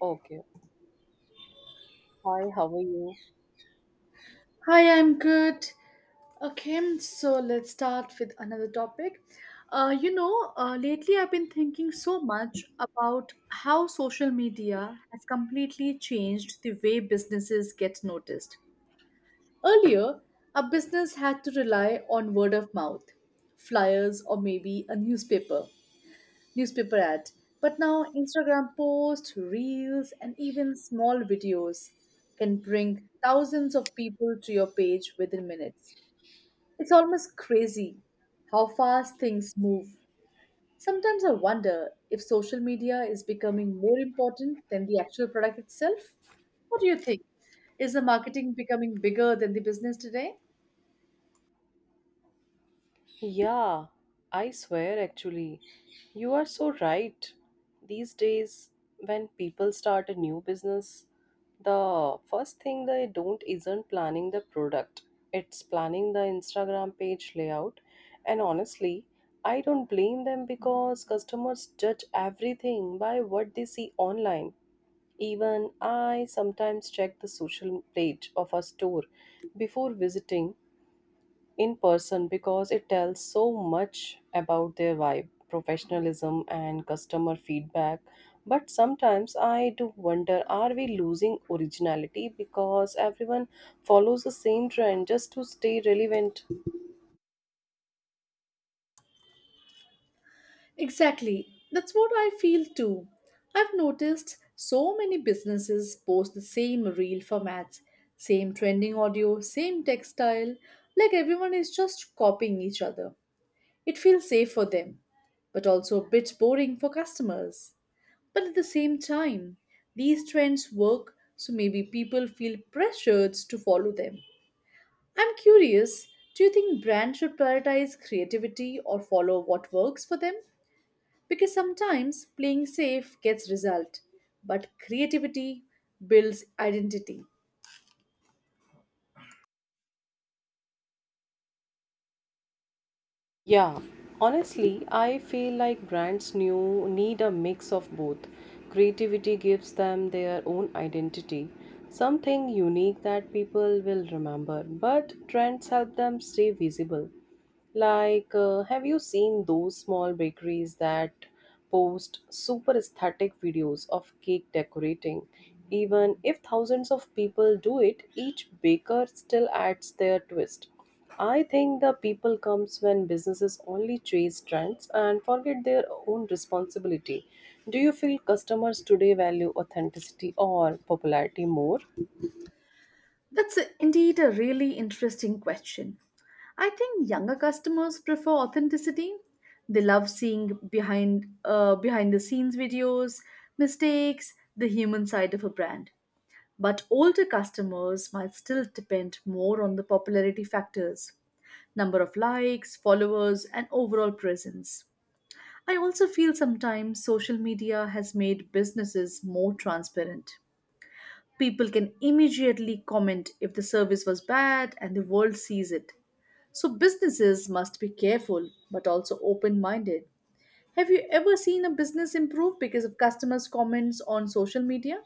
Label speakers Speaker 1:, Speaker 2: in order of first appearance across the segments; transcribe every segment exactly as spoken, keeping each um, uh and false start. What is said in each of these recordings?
Speaker 1: Okay. Hi, how are you?
Speaker 2: Hi, I'm good. Okay, so let's start with another topic. Uh, you know, uh, lately I've been thinking so much about how social media has completely changed the way businesses get noticed. Earlier, a business had to rely on word of mouth, flyers, or maybe a newspaper, newspaper ad. But now, Instagram posts, reels, and even small videos can bring thousands of people to your page within minutes. It's almost crazy how fast things move. Sometimes I wonder if social media is becoming more important than the actual product itself. What do you think? Is the marketing becoming bigger than the business today?
Speaker 1: Yeah, I swear actually. You are so right. These days, when people start a new business, the first thing they don't isn't planning the product, it's planning the Instagram page layout. And honestly, I don't blame them because customers judge everything by what they see online. Even I sometimes check the social page of a store before visiting in person because it tells so much about their vibe, professionalism, and customer feedback. But sometimes I do wonder, are we losing originality because everyone follows the same trend just to stay relevant?
Speaker 2: Exactly. That's what I feel too. I've noticed so many businesses post the same reel formats, same trending audio, same textile, like everyone is just copying each other. It feels safe for them, but also a bit boring for customers. But at the same time, these trends work, so maybe people feel pressured to follow them. I'm curious, do you think brands should prioritize creativity or follow what works for them? Because sometimes playing safe gets result, but creativity builds identity.
Speaker 1: Yeah, honestly, I feel like brands new need a mix of both. Creativity gives them their own identity, something unique that people will remember, but trends help them stay visible. Like, uh, have you seen those small bakeries that post super aesthetic videos of cake decorating? Even if thousands of people do it, each baker still adds their twist. I think the people comes when businesses only chase trends and forget their own responsibility. Do you feel customers today value authenticity or popularity more?
Speaker 2: That's a- indeed a really interesting question. I think younger customers prefer authenticity. They love seeing behind uh, behind the scenes videos, mistakes, the human side of a brand. But older customers might still depend more on the popularity factors, number of likes, followers, and overall presence. I also feel sometimes social media has made businesses more transparent. People can immediately comment if the service was bad and the world sees it. So businesses must be careful but also open minded. Have you ever seen a business improve because of customers' comments on social media?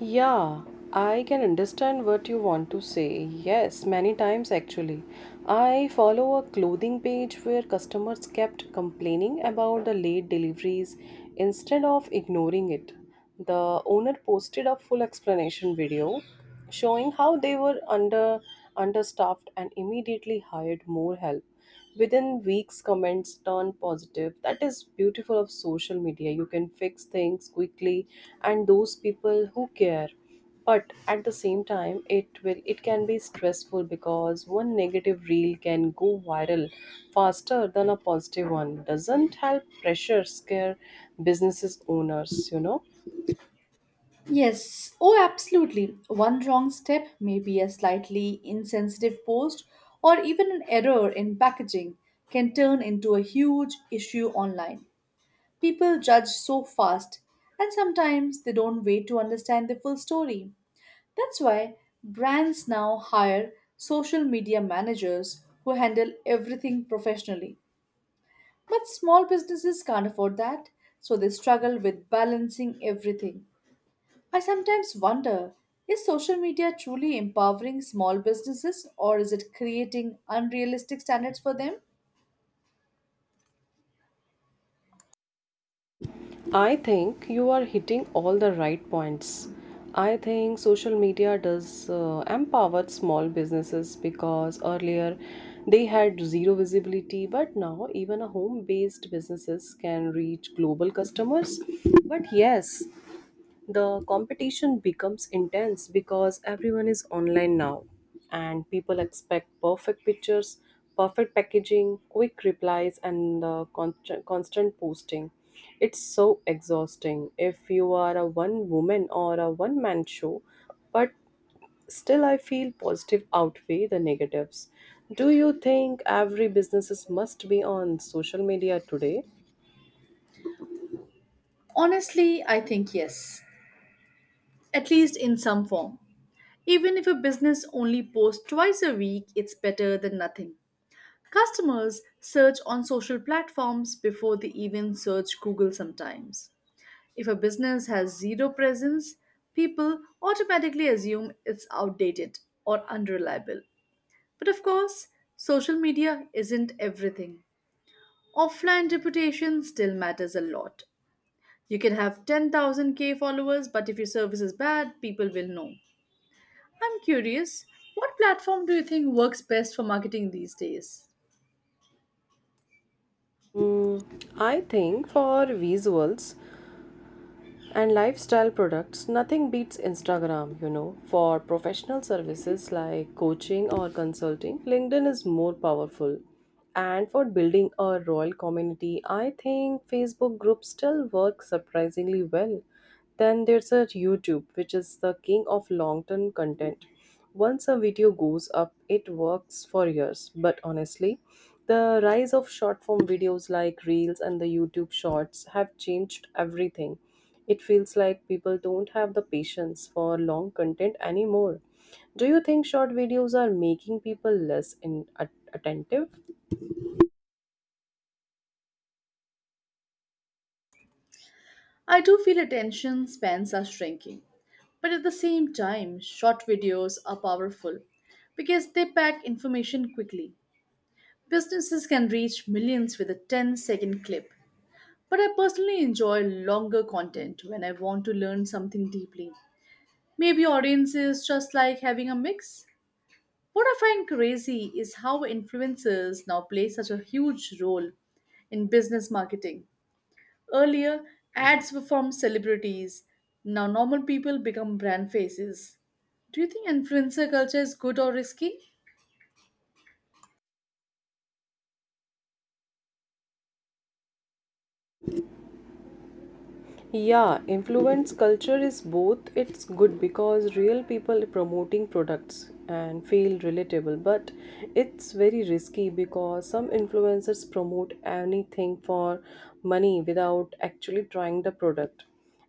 Speaker 1: Yeah, I can understand what you want to say. Yes, many times actually. I follow a clothing page where customers kept complaining about the late deliveries instead of ignoring it. The owner posted a full explanation video showing how they were under understaffed and immediately hired more help. Within weeks, comments turn positive. That is beautiful of social media. You can fix things quickly, and those people who care. But at the same time, it will it can be stressful because one negative reel can go viral faster than a positive one. Doesn't help pressure scare businesses owners, you know.
Speaker 2: Yes, oh, absolutely. One wrong step, maybe a slightly insensitive post, or even an error in packaging, can turn into a huge issue online. People judge so fast, and sometimes they don't wait to understand the full story. That's why brands now hire social media managers who handle everything professionally. But small businesses can't afford that, so they struggle with balancing everything. I sometimes wonder, is social media truly empowering small businesses or is it creating unrealistic standards for them?
Speaker 1: I think you are hitting all the right points. I think social media does uh, empower small businesses because earlier they had zero visibility, but now even a home based businesses can reach global customers. But yes, the competition becomes intense because everyone is online now, and people expect perfect pictures, perfect packaging, quick replies, and uh, constant, constant posting. It's so exhausting if you are a one woman or a one man show, but still I feel positive outweigh the negatives. Do you think every businesses must be on social media today?
Speaker 2: Honestly, I think yes, at least in some form. Even if a business only posts twice a week, it's better than nothing. Customers search on social platforms before they even search Google sometimes. If a business has zero presence, people automatically assume it's outdated or unreliable. But of course, social media isn't everything. Offline reputation still matters a lot. You can have ten thousand K followers, but if your service is bad, people will know. I'm curious, what platform do you think works best for marketing these days?
Speaker 1: Mm, I think for visuals, and lifestyle products, nothing beats Instagram, you know. For professional services like coaching or consulting, LinkedIn is more powerful. And for building a royal community, I think Facebook groups still work surprisingly well. Then there's a YouTube, which is the king of long-term content. Once a video goes up, it works for years. But honestly, the rise of short-form videos like Reels and the YouTube Shorts have changed everything. It feels like people don't have the patience for long content anymore. Do you think short videos are making people less in- at- attentive?
Speaker 2: I do feel attention spans are shrinking, but at the same time, short videos are powerful because they pack information quickly. Businesses can reach millions with a ten second clip, but I personally enjoy longer content when I want to learn something deeply. Maybe audiences just like having a mix. What I find crazy is how influencers now play such a huge role in business marketing. Earlier, ads were from celebrities. Now, normal people become brand faces. Do you think influencer culture is good or risky?
Speaker 1: Yeah, influence culture is both. It's good because real people promoting products and feel relatable, but it's very risky because some influencers promote anything for money without actually trying the product.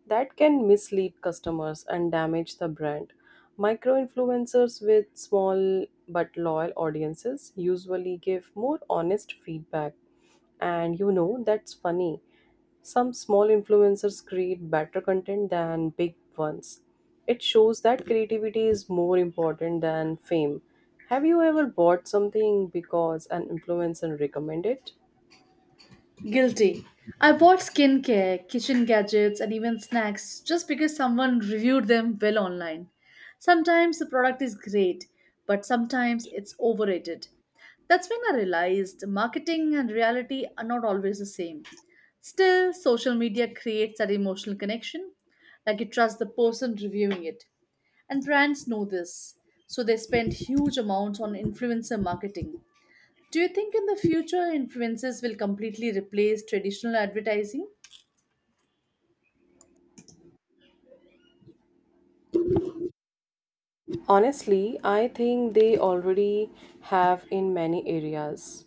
Speaker 1: That can mislead customers and damage the brand. Micro influencers with small but loyal audiences usually give more honest feedback, and you know that's funny, some small influencers create better content than big ones. It shows that creativity is more important than fame. Have you ever bought something because an influencer recommended it?
Speaker 2: Guilty. I bought skincare, kitchen gadgets, and even snacks just because someone reviewed them well online. Sometimes the product is great, but sometimes it's overrated. That's when I realized marketing and reality are not always the same. Still, social media creates that emotional connection, like you trust the person reviewing it. And brands know this, so they spend huge amounts on influencer marketing. Do you think in the future influencers will completely replace traditional advertising?
Speaker 1: Honestly, I think they already have in many areas.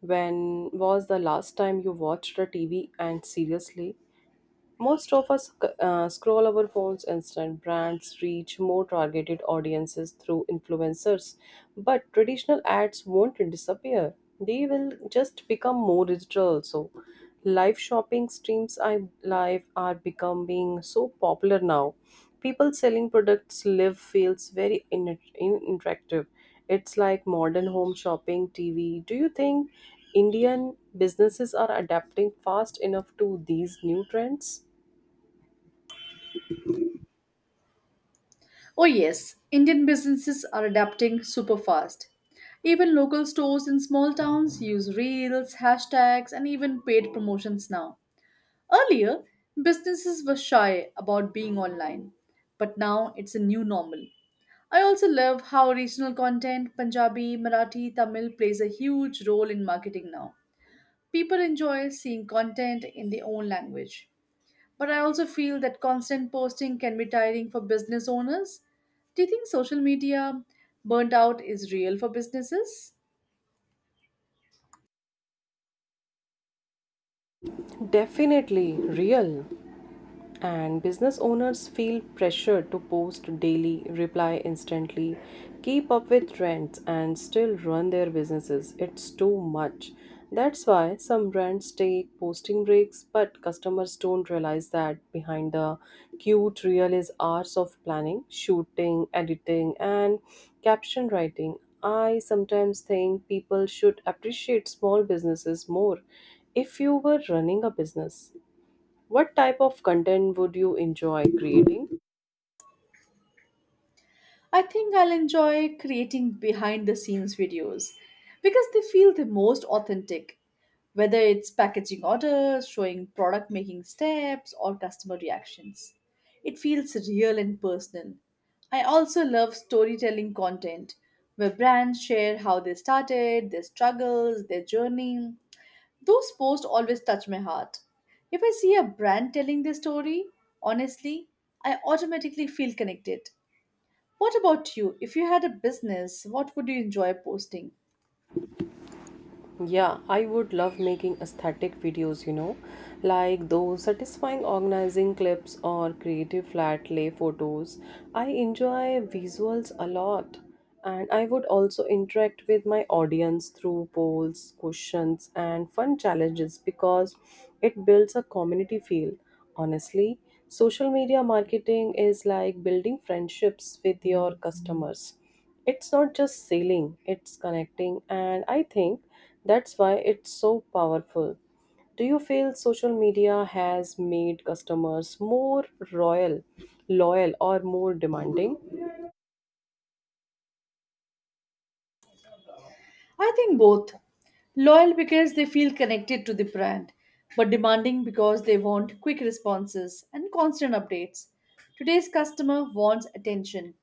Speaker 1: When was the last time you watched a T V and seriously most of us uh, scroll our phones instant. Brands reach more targeted audiences through influencers, but traditional ads won't disappear. They will just become more digital also. Live shopping streams I live are becoming so popular now. People selling products live feels very in- in- interactive. It's like modern home shopping T V. Do you think Indian businesses are adapting fast enough to these new trends?
Speaker 2: Oh yes, indian businesses are adapting super fast. Even local stores in small towns use reels, hashtags, and even paid promotions now. Earlier, businesses were shy about being online, but now it's a new normal. I also love how regional content, Punjabi, Marathi, Tamil, plays a huge role in marketing now. People enjoy seeing content in their own language. But I also feel that constant posting can be tiring for business owners. Do you think social media burnt out is real for businesses?
Speaker 1: Definitely real. And business owners feel pressured to post daily, reply instantly, keep up with trends, and still run their businesses. It's too much. That's why some brands take posting breaks, but customers don't realize that behind the cute reel is hours of planning, shooting, editing, and caption writing. I sometimes think people should appreciate small businesses more. If you were running a business, what type of content would you enjoy creating?
Speaker 2: I think I'll enjoy creating behind the scenes videos because they feel the most authentic, whether it's packaging orders, showing product making steps, or customer reactions. It feels real and personal. I also love storytelling content where brands share how they started, their struggles, their journey. Those posts always touch my heart. If I see a brand telling their story, honestly, I automatically feel connected. What about you? If you had a business, what would you enjoy posting?
Speaker 1: Yeah, I would love making aesthetic videos, you know, like those satisfying organizing clips or creative flat lay photos. I enjoy visuals a lot, and I would also interact with my audience through polls, questions, and fun challenges because it builds a community feel. Honestly, social media marketing is like building friendships with your customers. It's not just sailing, it's connecting, and I think that's why it's so powerful. Do you feel social media has made customers more royal, loyal, or more demanding?
Speaker 2: I think both. Loyal because they feel connected to the brand, but demanding because they want quick responses and constant updates. Today's customer wants attention,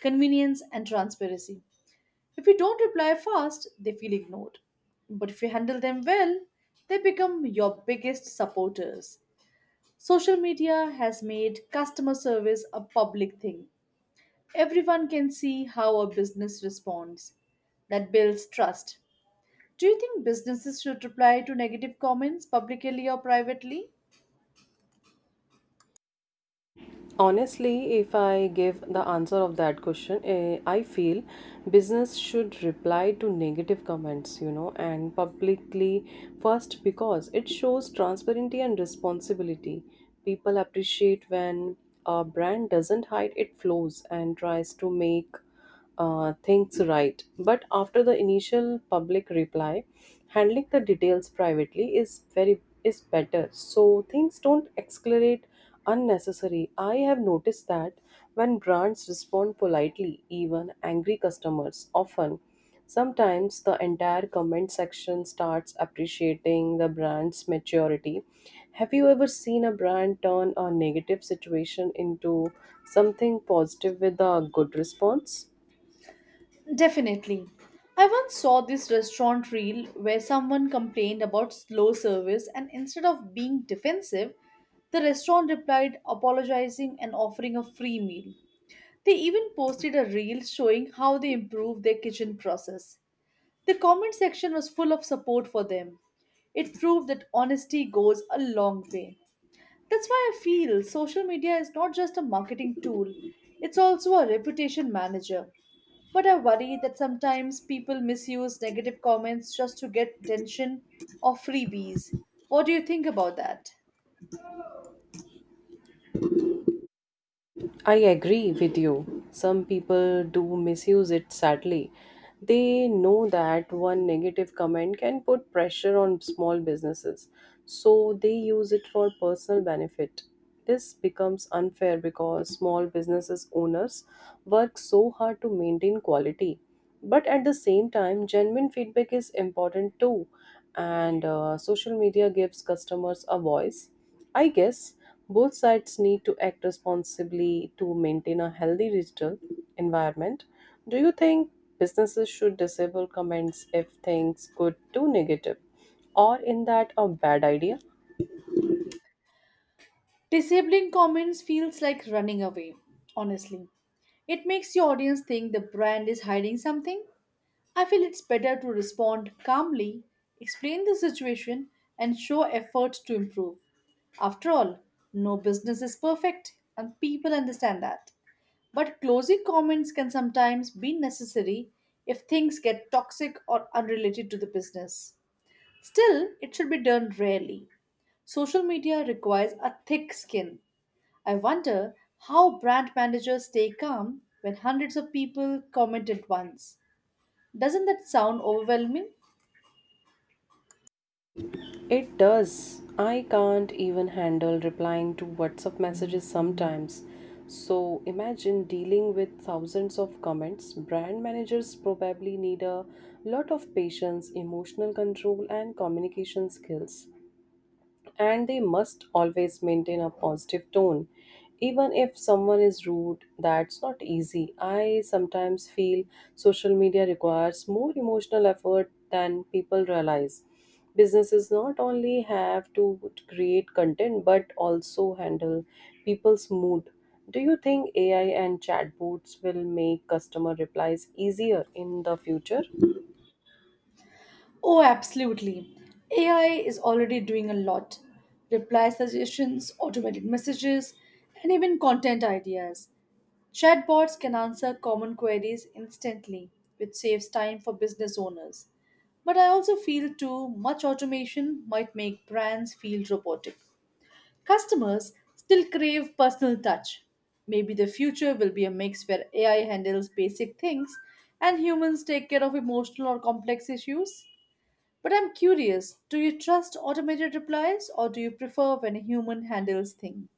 Speaker 2: convenience, and transparency. If you don't reply fast, they feel ignored. But if you handle them well, they become your biggest supporters. Social media has made customer service a public thing. Everyone can see how a business responds. That builds trust. Do you think businesses should reply to negative comments publicly or privately?
Speaker 1: Honestly, if I give the answer of that question, eh, I feel business should reply to negative comments, you know, and publicly first because it shows transparency and responsibility. People appreciate when a brand doesn't hide its flaws and tries to make uh, things right. But after the initial public reply, handling the details privately is very is better. So things don't escalate unnecessary. I have noticed that when brands respond politely, even angry customers often, sometimes the entire comment section starts appreciating the brand's maturity. Have you ever seen a brand turn a negative situation into something positive with a good response?
Speaker 2: Definitely. I once saw this restaurant reel where someone complained about slow service, and instead of being defensive, the restaurant replied, apologizing and offering a free meal. They even posted a reel showing how they improved their kitchen process. The comment section was full of support for them. It proved that honesty goes a long way. That's why I feel social media is not just a marketing tool, it's also a reputation manager. But I worry that sometimes people misuse negative comments just to get attention or freebies. What do you think about that?
Speaker 1: I agree with you. Some people do misuse it sadly. They know that one negative comment can put pressure on small businesses, so they use it for personal benefit. This becomes unfair because small businesses owners work so hard to maintain quality. But at the same time, genuine feedback is important too, and uh, social media gives customers a voice. I guess both sides need to act responsibly to maintain a healthy digital environment. Do you think businesses should disable comments if things go too negative? Or in that a bad idea?
Speaker 2: Disabling comments feels like running away, honestly. It makes your audience think the brand is hiding something. I feel it's better to respond calmly, explain the situation, and show effort to improve. After all, no business is perfect, and people understand that. But closing comments can sometimes be necessary if things get toxic or unrelated to the business. Still, it should be done rarely. Social media requires a thick skin. I wonder how brand managers stay calm when hundreds of people comment at once. Doesn't that sound overwhelming?
Speaker 1: It does. I can't even handle replying to WhatsApp messages sometimes. So imagine dealing with thousands of comments. Brand managers probably need a lot of patience, emotional control, and communication skills, and they must always maintain a positive tone. Even if someone is rude, that's not easy. I sometimes feel social media requires more emotional effort than people realize. Businesses not only have to create content but also handle people's mood. Do you think A I and chatbots will make customer replies easier in the future?
Speaker 2: Oh, absolutely. A I is already doing a lot, reply suggestions, automated messages, and even content ideas. Chatbots can answer common queries instantly, which saves time for business owners. But I also feel too much automation might make brands feel robotic. Customers still crave personal touch. Maybe the future will be a mix where A I handles basic things and humans take care of emotional or complex issues. But I'm curious, do you trust automated replies or do you prefer when a human handles things?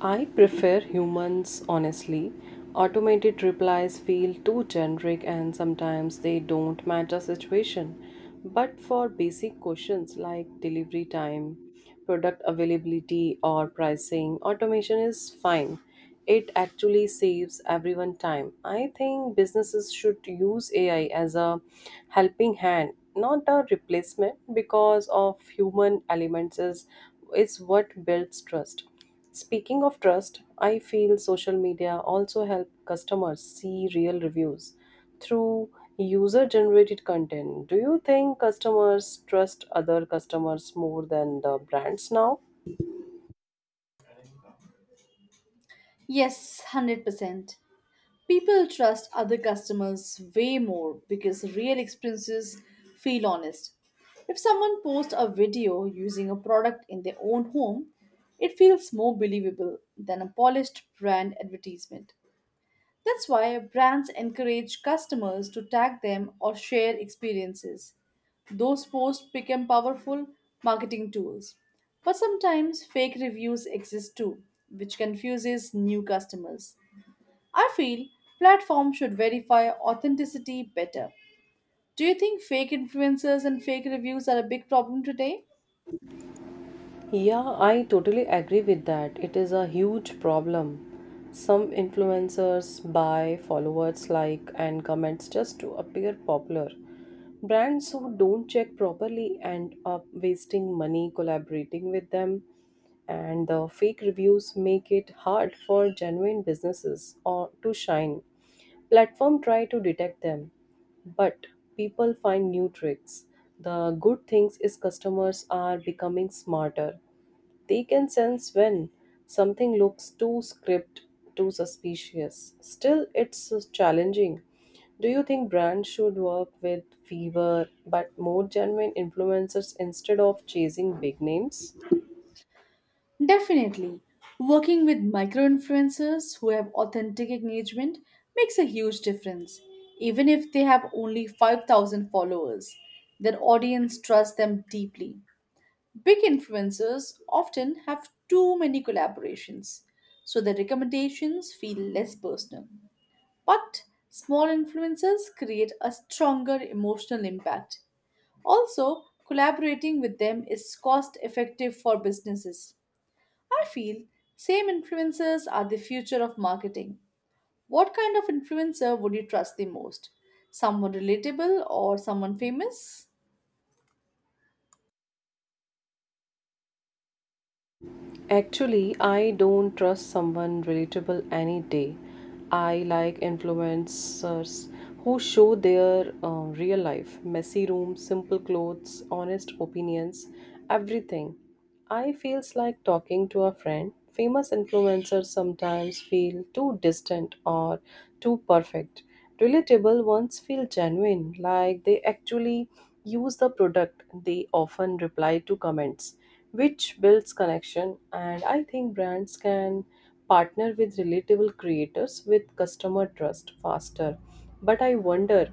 Speaker 1: I prefer humans, honestly. Automated replies feel too generic and sometimes they don't match a situation. But for basic questions like delivery time, product availability, or pricing, automation is fine. It actually saves everyone time. I think businesses should use A I as a helping hand, not a replacement because of human elements is, is what builds trust. Speaking of trust, I feel social media also help customers see real reviews through user generated content. Do you think customers trust other customers more than the brands now?
Speaker 2: Yes, one hundred percent. People trust other customers way more because real experiences feel honest. If someone posts a video using a product in their own home, it feels more believable than a polished brand advertisement. That's why brands encourage customers to tag them or share experiences. Those posts become powerful marketing tools. But sometimes fake reviews exist too, which confuses new customers. I feel platforms should verify authenticity better. Do you think fake influencers and fake reviews are a big problem today?
Speaker 1: Yeah, I totally agree with that. It is a huge problem. Some influencers buy followers like and comments just to appear popular. Brands who don't check properly end up wasting money collaborating with them, and the fake reviews make it hard for genuine businesses or to shine. Platform try to detect them, but people find new tricks. The good things is customers are becoming smarter. They can sense when something looks too script, too suspicious. Still it's challenging. Do you think brands should work with fewer but more genuine influencers instead of chasing big names?
Speaker 2: Definitely. Working with micro influencers who have authentic engagement makes a huge difference. Even if they have only five thousand followers, their audience trusts them deeply. Big influencers often have too many collaborations, so their recommendations feel less personal. But small influencers create a stronger emotional impact. Also, collaborating with them is cost effective for businesses. I feel same influencers are the future of marketing. What kind of influencer would you trust the most? Someone relatable or someone famous?
Speaker 1: Actually, I don't trust someone relatable any day. I like influencers who show their uh, real life, messy rooms, simple clothes, honest opinions, everything. I feels like talking to a friend. Famous influencers sometimes feel too distant or too perfect. Relatable ones feel genuine, like they actually use the product. They often reply to comments which builds connection. And I think brands can partner with relatable creators with customer trust faster. But I wonder,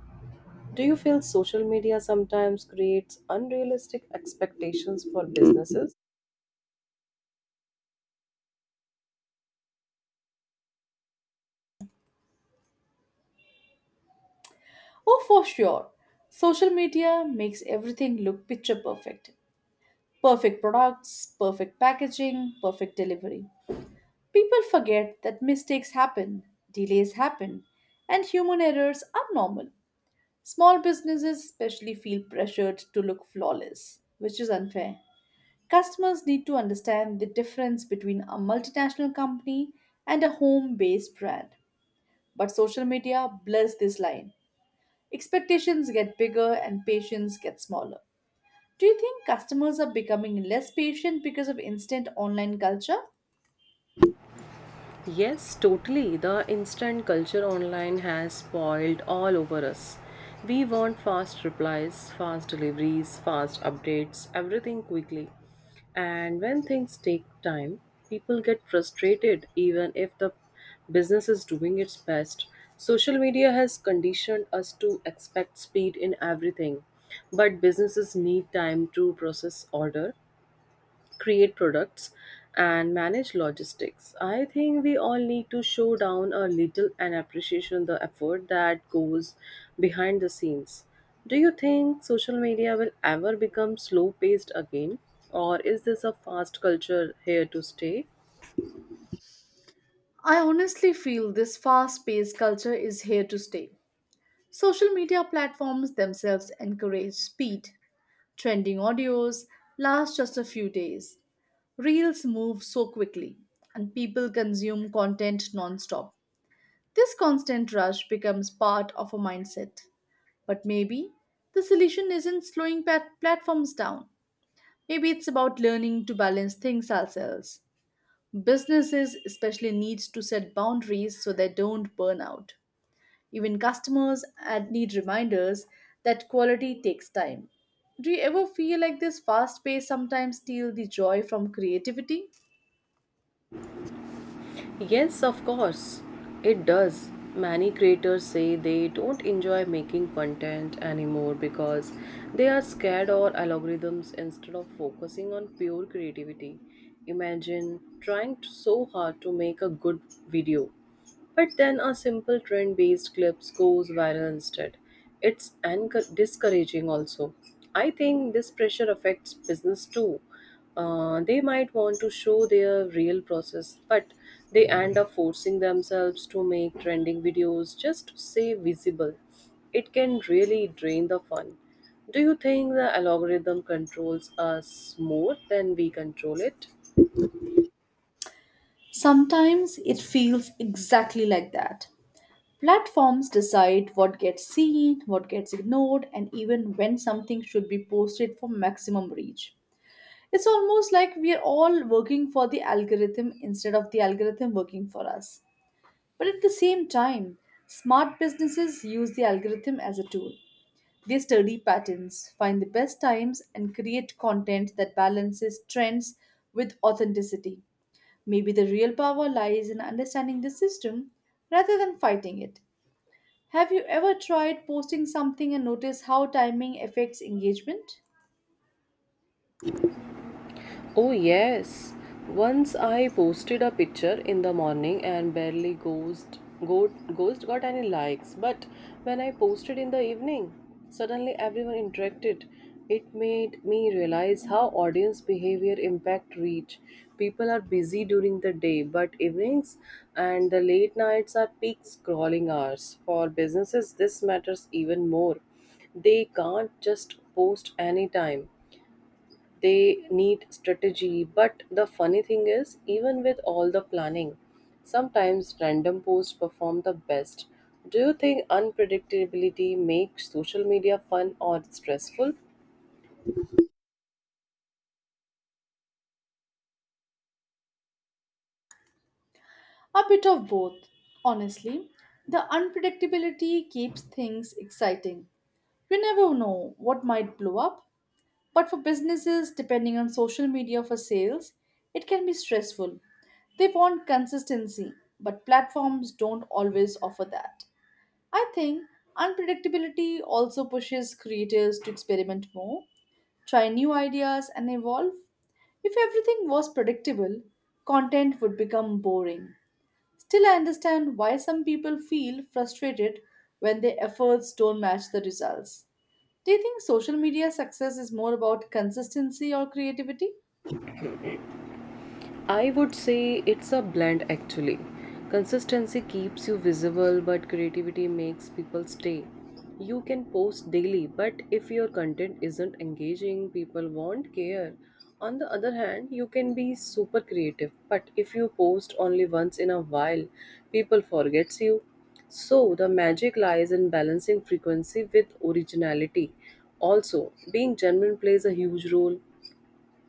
Speaker 1: do you feel social media sometimes creates unrealistic expectations for businesses?
Speaker 2: Oh, for sure. Social media makes everything look picture perfect. Perfect products, perfect packaging, perfect delivery. People forget that mistakes happen, delays happen, and human errors are normal. Small businesses especially feel pressured to look flawless, which is unfair. Customers need to understand the difference between a multinational company and a home based brand. But social media blurs this line. Expectations get bigger and patience gets smaller. Do you think customers are becoming less patient because of instant online culture?
Speaker 1: Yes, totally. The instant culture online has spoiled all over us. We want fast replies, fast deliveries, fast updates, everything quickly. And when things take time, people get frustrated even if the business is doing its best. Social media has conditioned us to expect speed in everything, but businesses need time to process order, create products, and manage logistics. I think we all need to show down a little and appreciation the effort that goes behind the scenes. Do you think social media will ever become slow paced again, or is this a fast culture here to stay?
Speaker 2: I honestly feel this fast paced culture is here to stay. Social media platforms themselves encourage speed. Trending audios last just a few days. Reels move so quickly, and people consume content nonstop. This constant rush becomes part of a mindset. But maybe the solution isn't slowing pat- platforms down. Maybe it's about learning to balance things ourselves. Businesses especially need to set boundaries so they don't burn out. Even customers ad- need reminders that quality takes time. Do you ever feel like this fast pace sometimes steals the joy from creativity?
Speaker 1: Yes, of course, it does. Many creators say they don't enjoy making content anymore because they are scared or algorithms instead of focusing on pure creativity. Imagine trying t- so hard to make a good video, but then a simple trend based clip goes viral instead. It's encour- discouraging also. I think this pressure affects business too. Uh, they might want to show their real process, but they end up forcing themselves to make trending videos just to stay visible. It can really drain the fun. Do you think the algorithm controls us more than we control it?
Speaker 2: Sometimes it feels exactly like that. Platforms decide what gets seen, what gets ignored, and even when something should be posted for maximum reach. It's almost like we're all working for the algorithm instead of the algorithm working for us. But at the same time, smart businesses use the algorithm as a tool. They study patterns, find the best times, and create content that balances trends with authenticity. Maybe the real power lies in understanding the system rather than fighting it. Have you ever tried posting something and noticed how timing affects engagement?
Speaker 1: Oh, yes. Once I posted a picture in the morning and barely ghost, go, ghost got any likes. But when I posted in the evening, suddenly everyone interacted. It made me realize how audience behavior impact reach. People are busy during the day, but evenings and the late nights are peak scrolling hours. For businesses, this matters even more. They can't just post anytime, they need strategy. But the funny thing is, even with all the planning, sometimes random posts perform the best. Do you think unpredictability makes social media fun or stressful?
Speaker 2: A bit of both, honestly. The unpredictability keeps things exciting. You never know what might blow up, but for businesses depending on social media for sales, it can be stressful. They want consistency, but platforms don't always offer that. I think unpredictability also pushes creators to experiment more, try new ideas, and evolve. If everything was predictable, content would become boring. Still, I understand why some people feel frustrated when their efforts don't match the results. Do you think social media success is more about consistency or creativity?
Speaker 1: I would say it's a blend actually. Consistency keeps you visible, but creativity makes people stay. You can post daily, but if your content isn't engaging, people won't care. On the other hand, you can be super creative, but if you post only once in a while, people forgets you. So the magic lies in balancing frequency with originality. Also, being genuine plays a huge role.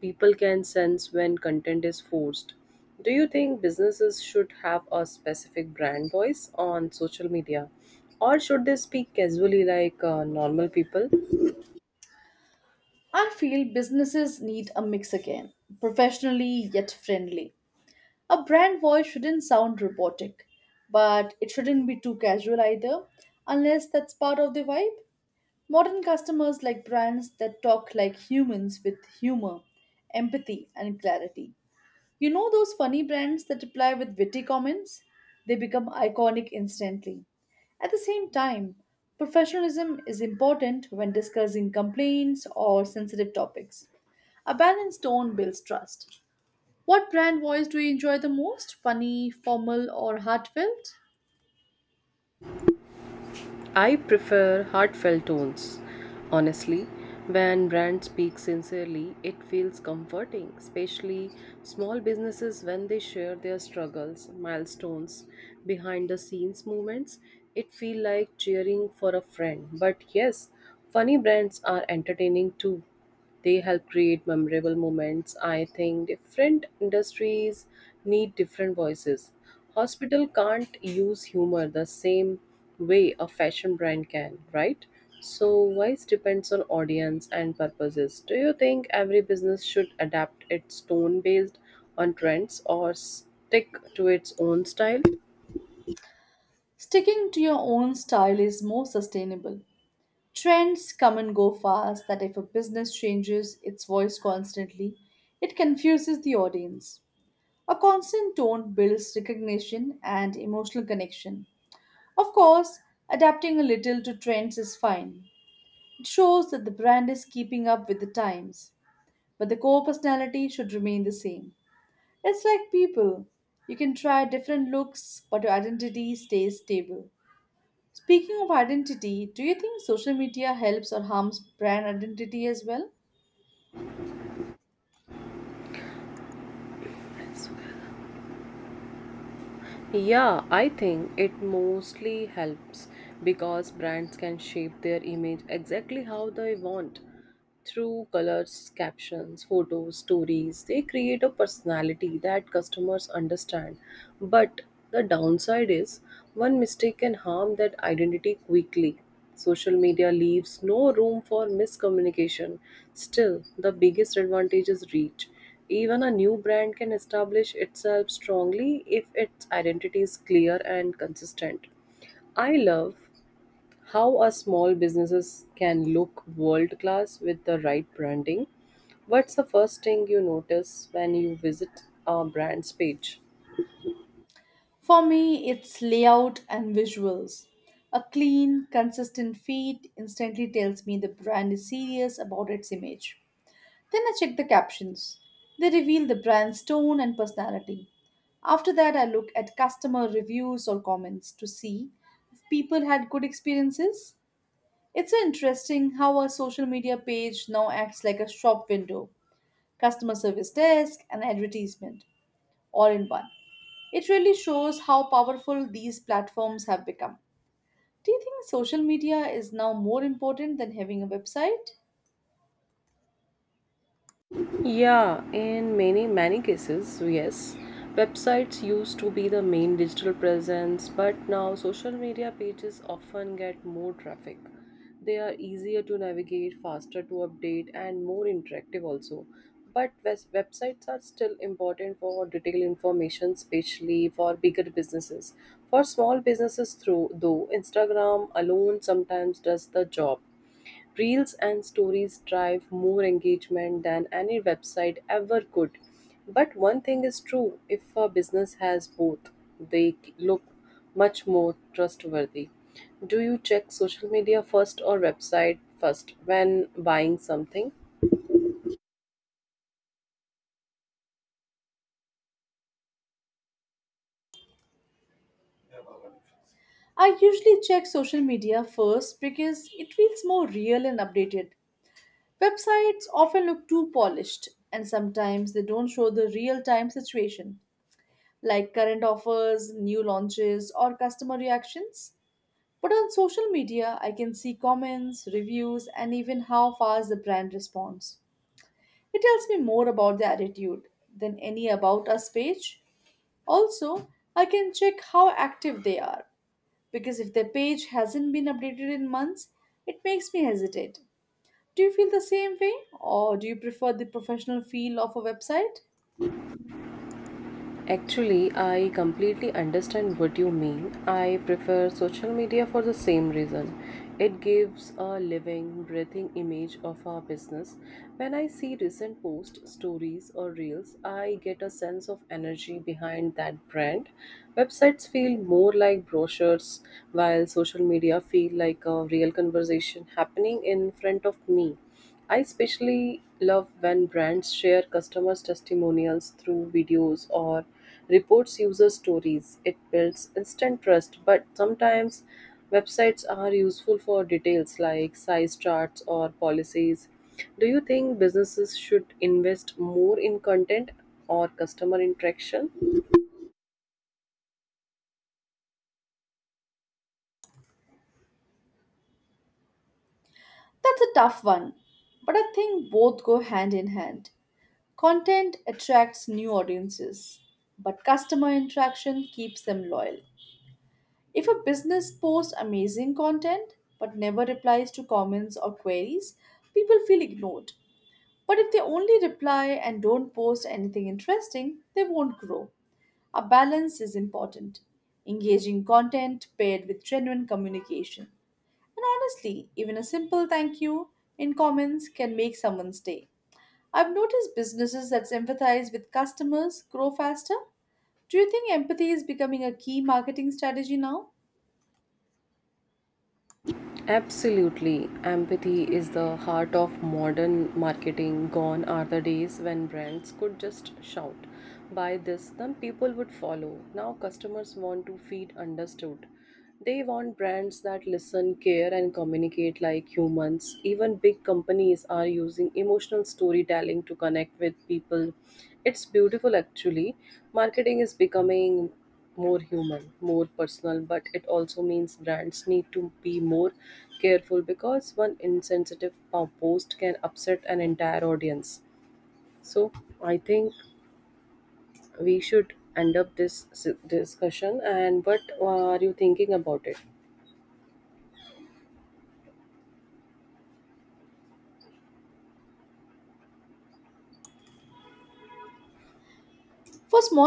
Speaker 1: People can sense when content is forced. Do you think businesses should have a specific brand voice on social media? Or should they speak casually, like uh, normal people?
Speaker 2: I feel businesses need a mix again, professionally yet friendly. A brand voice shouldn't sound robotic, but it shouldn't be too casual either, unless that's part of the vibe. Modern customers like brands that talk like humans with humor, empathy, and clarity. You know those funny brands that reply with witty comments? They become iconic instantly. At the same time, professionalism is important when discussing complaints or sensitive topics. A balanced tone builds trust. What brand voice do you enjoy the most? Funny, formal, or heartfelt?
Speaker 1: I prefer heartfelt tones. Honestly, when brands speak sincerely, it feels comforting, especially small businesses when they share their struggles, milestones, behind the scenes moments. It feels like cheering for a friend. But yes, funny brands are entertaining too. They help create memorable moments. I think different industries need different voices. Hospital can't use humor the same way a fashion brand can, right? So voice depends on audience and purposes. Do you think every business should adapt its tone based on trends or stick to its own style?
Speaker 2: Sticking to your own style is more sustainable. Trends come and go fast, that if a business changes its voice constantly, it confuses the audience. A constant tone builds recognition and emotional connection. Of course, adapting a little to trends is fine. It shows that the brand is keeping up with the times, but the core personality should remain the same. It's like people. You can try different looks, but your identity stays stable. Speaking of identity, do you think social media helps or harms brand identity as well?
Speaker 1: Yeah, I think it mostly helps because brands can shape their image exactly how they want through colors, captions, photos, stories. They create a personality that customers understand. But the downside is one mistake can harm that identity quickly. Social media leaves no room for miscommunication. Still, the biggest advantage is reach. Even a new brand can establish itself strongly if its identity is clear and consistent. I love how a small businesses can look world class with the right branding. What's the first thing you notice when you visit a brand's page?
Speaker 2: For me, it's layout and visuals. A clean, consistent feed instantly tells me the brand is serious about its image. Then I check the captions. They reveal the brand's tone and personality. After that, I look at customer reviews or comments to see if people had good experiences. It's interesting how a social media page now acts like a shop window, customer service desk, and advertisement, all in one. It really shows how powerful these platforms have become. Do you think social media is now more important than having a website?
Speaker 1: Yeah, in many many cases, yes. Websites used to be the main digital presence, but now social media pages often get more traffic. They are easier to navigate, faster to update, and more interactive also. But wes- websites are still important for detailed information, especially for bigger businesses. For small businesses, through though Instagram alone sometimes does the job. Reels and stories drive more engagement than any website ever could. But one thing is true, if a business has both, they look much more trustworthy. Do you check social media first or website first when buying something?
Speaker 2: I usually check social media first because it feels more real and updated. Websites often look too polished, and sometimes they don't show the real time situation, like current offers, new launches, or customer reactions. But on social media, I can see comments, reviews, and even how fast the brand responds. It tells me more about their attitude than any About Us page. Also, I can check how active they are because if their page hasn't been updated in months, it makes me hesitate. Do you feel the same way, or do you prefer the professional feel of a website?
Speaker 1: Actually, I completely understand what you mean. I prefer social media for the same reason. It gives a living, breathing image of our business. When I see recent posts, stories, or reels, I get a sense of energy behind that brand. Websites feel more like brochures, while social media feel like a real conversation happening in front of me. I especially love when brands share customers' testimonials through videos or reports user stories. It builds instant trust, but sometimes websites are useful for details like size charts or policies. Do you think businesses should invest more in content or customer interaction?
Speaker 2: That's a tough one, but I think both go hand in hand. Content attracts new audiences, but customer interaction keeps them loyal. If a business posts amazing content but never replies to comments or queries, people feel ignored. But if they only reply and don't post anything interesting, they won't grow. A balance is important. Engaging content paired with genuine communication. And honestly, even a simple thank you in comments can make someone's day. I've noticed businesses that empathize with customers grow faster. Do you think empathy is becoming a key marketing strategy now?
Speaker 1: Absolutely. Empathy is the heart of modern marketing. Gone are the days when brands could just shout, buy this, then people would follow. Now customers want to feel understood. They want brands that listen, care, and communicate like humans. Even big companies are using emotional storytelling to connect with people. It's beautiful actually. Marketing is becoming more human, more personal, but it also means brands need to be more careful because one insensitive po- post can upset an entire audience. So I think we should end up this s- discussion. And what uh, are you thinking about it?
Speaker 2: For small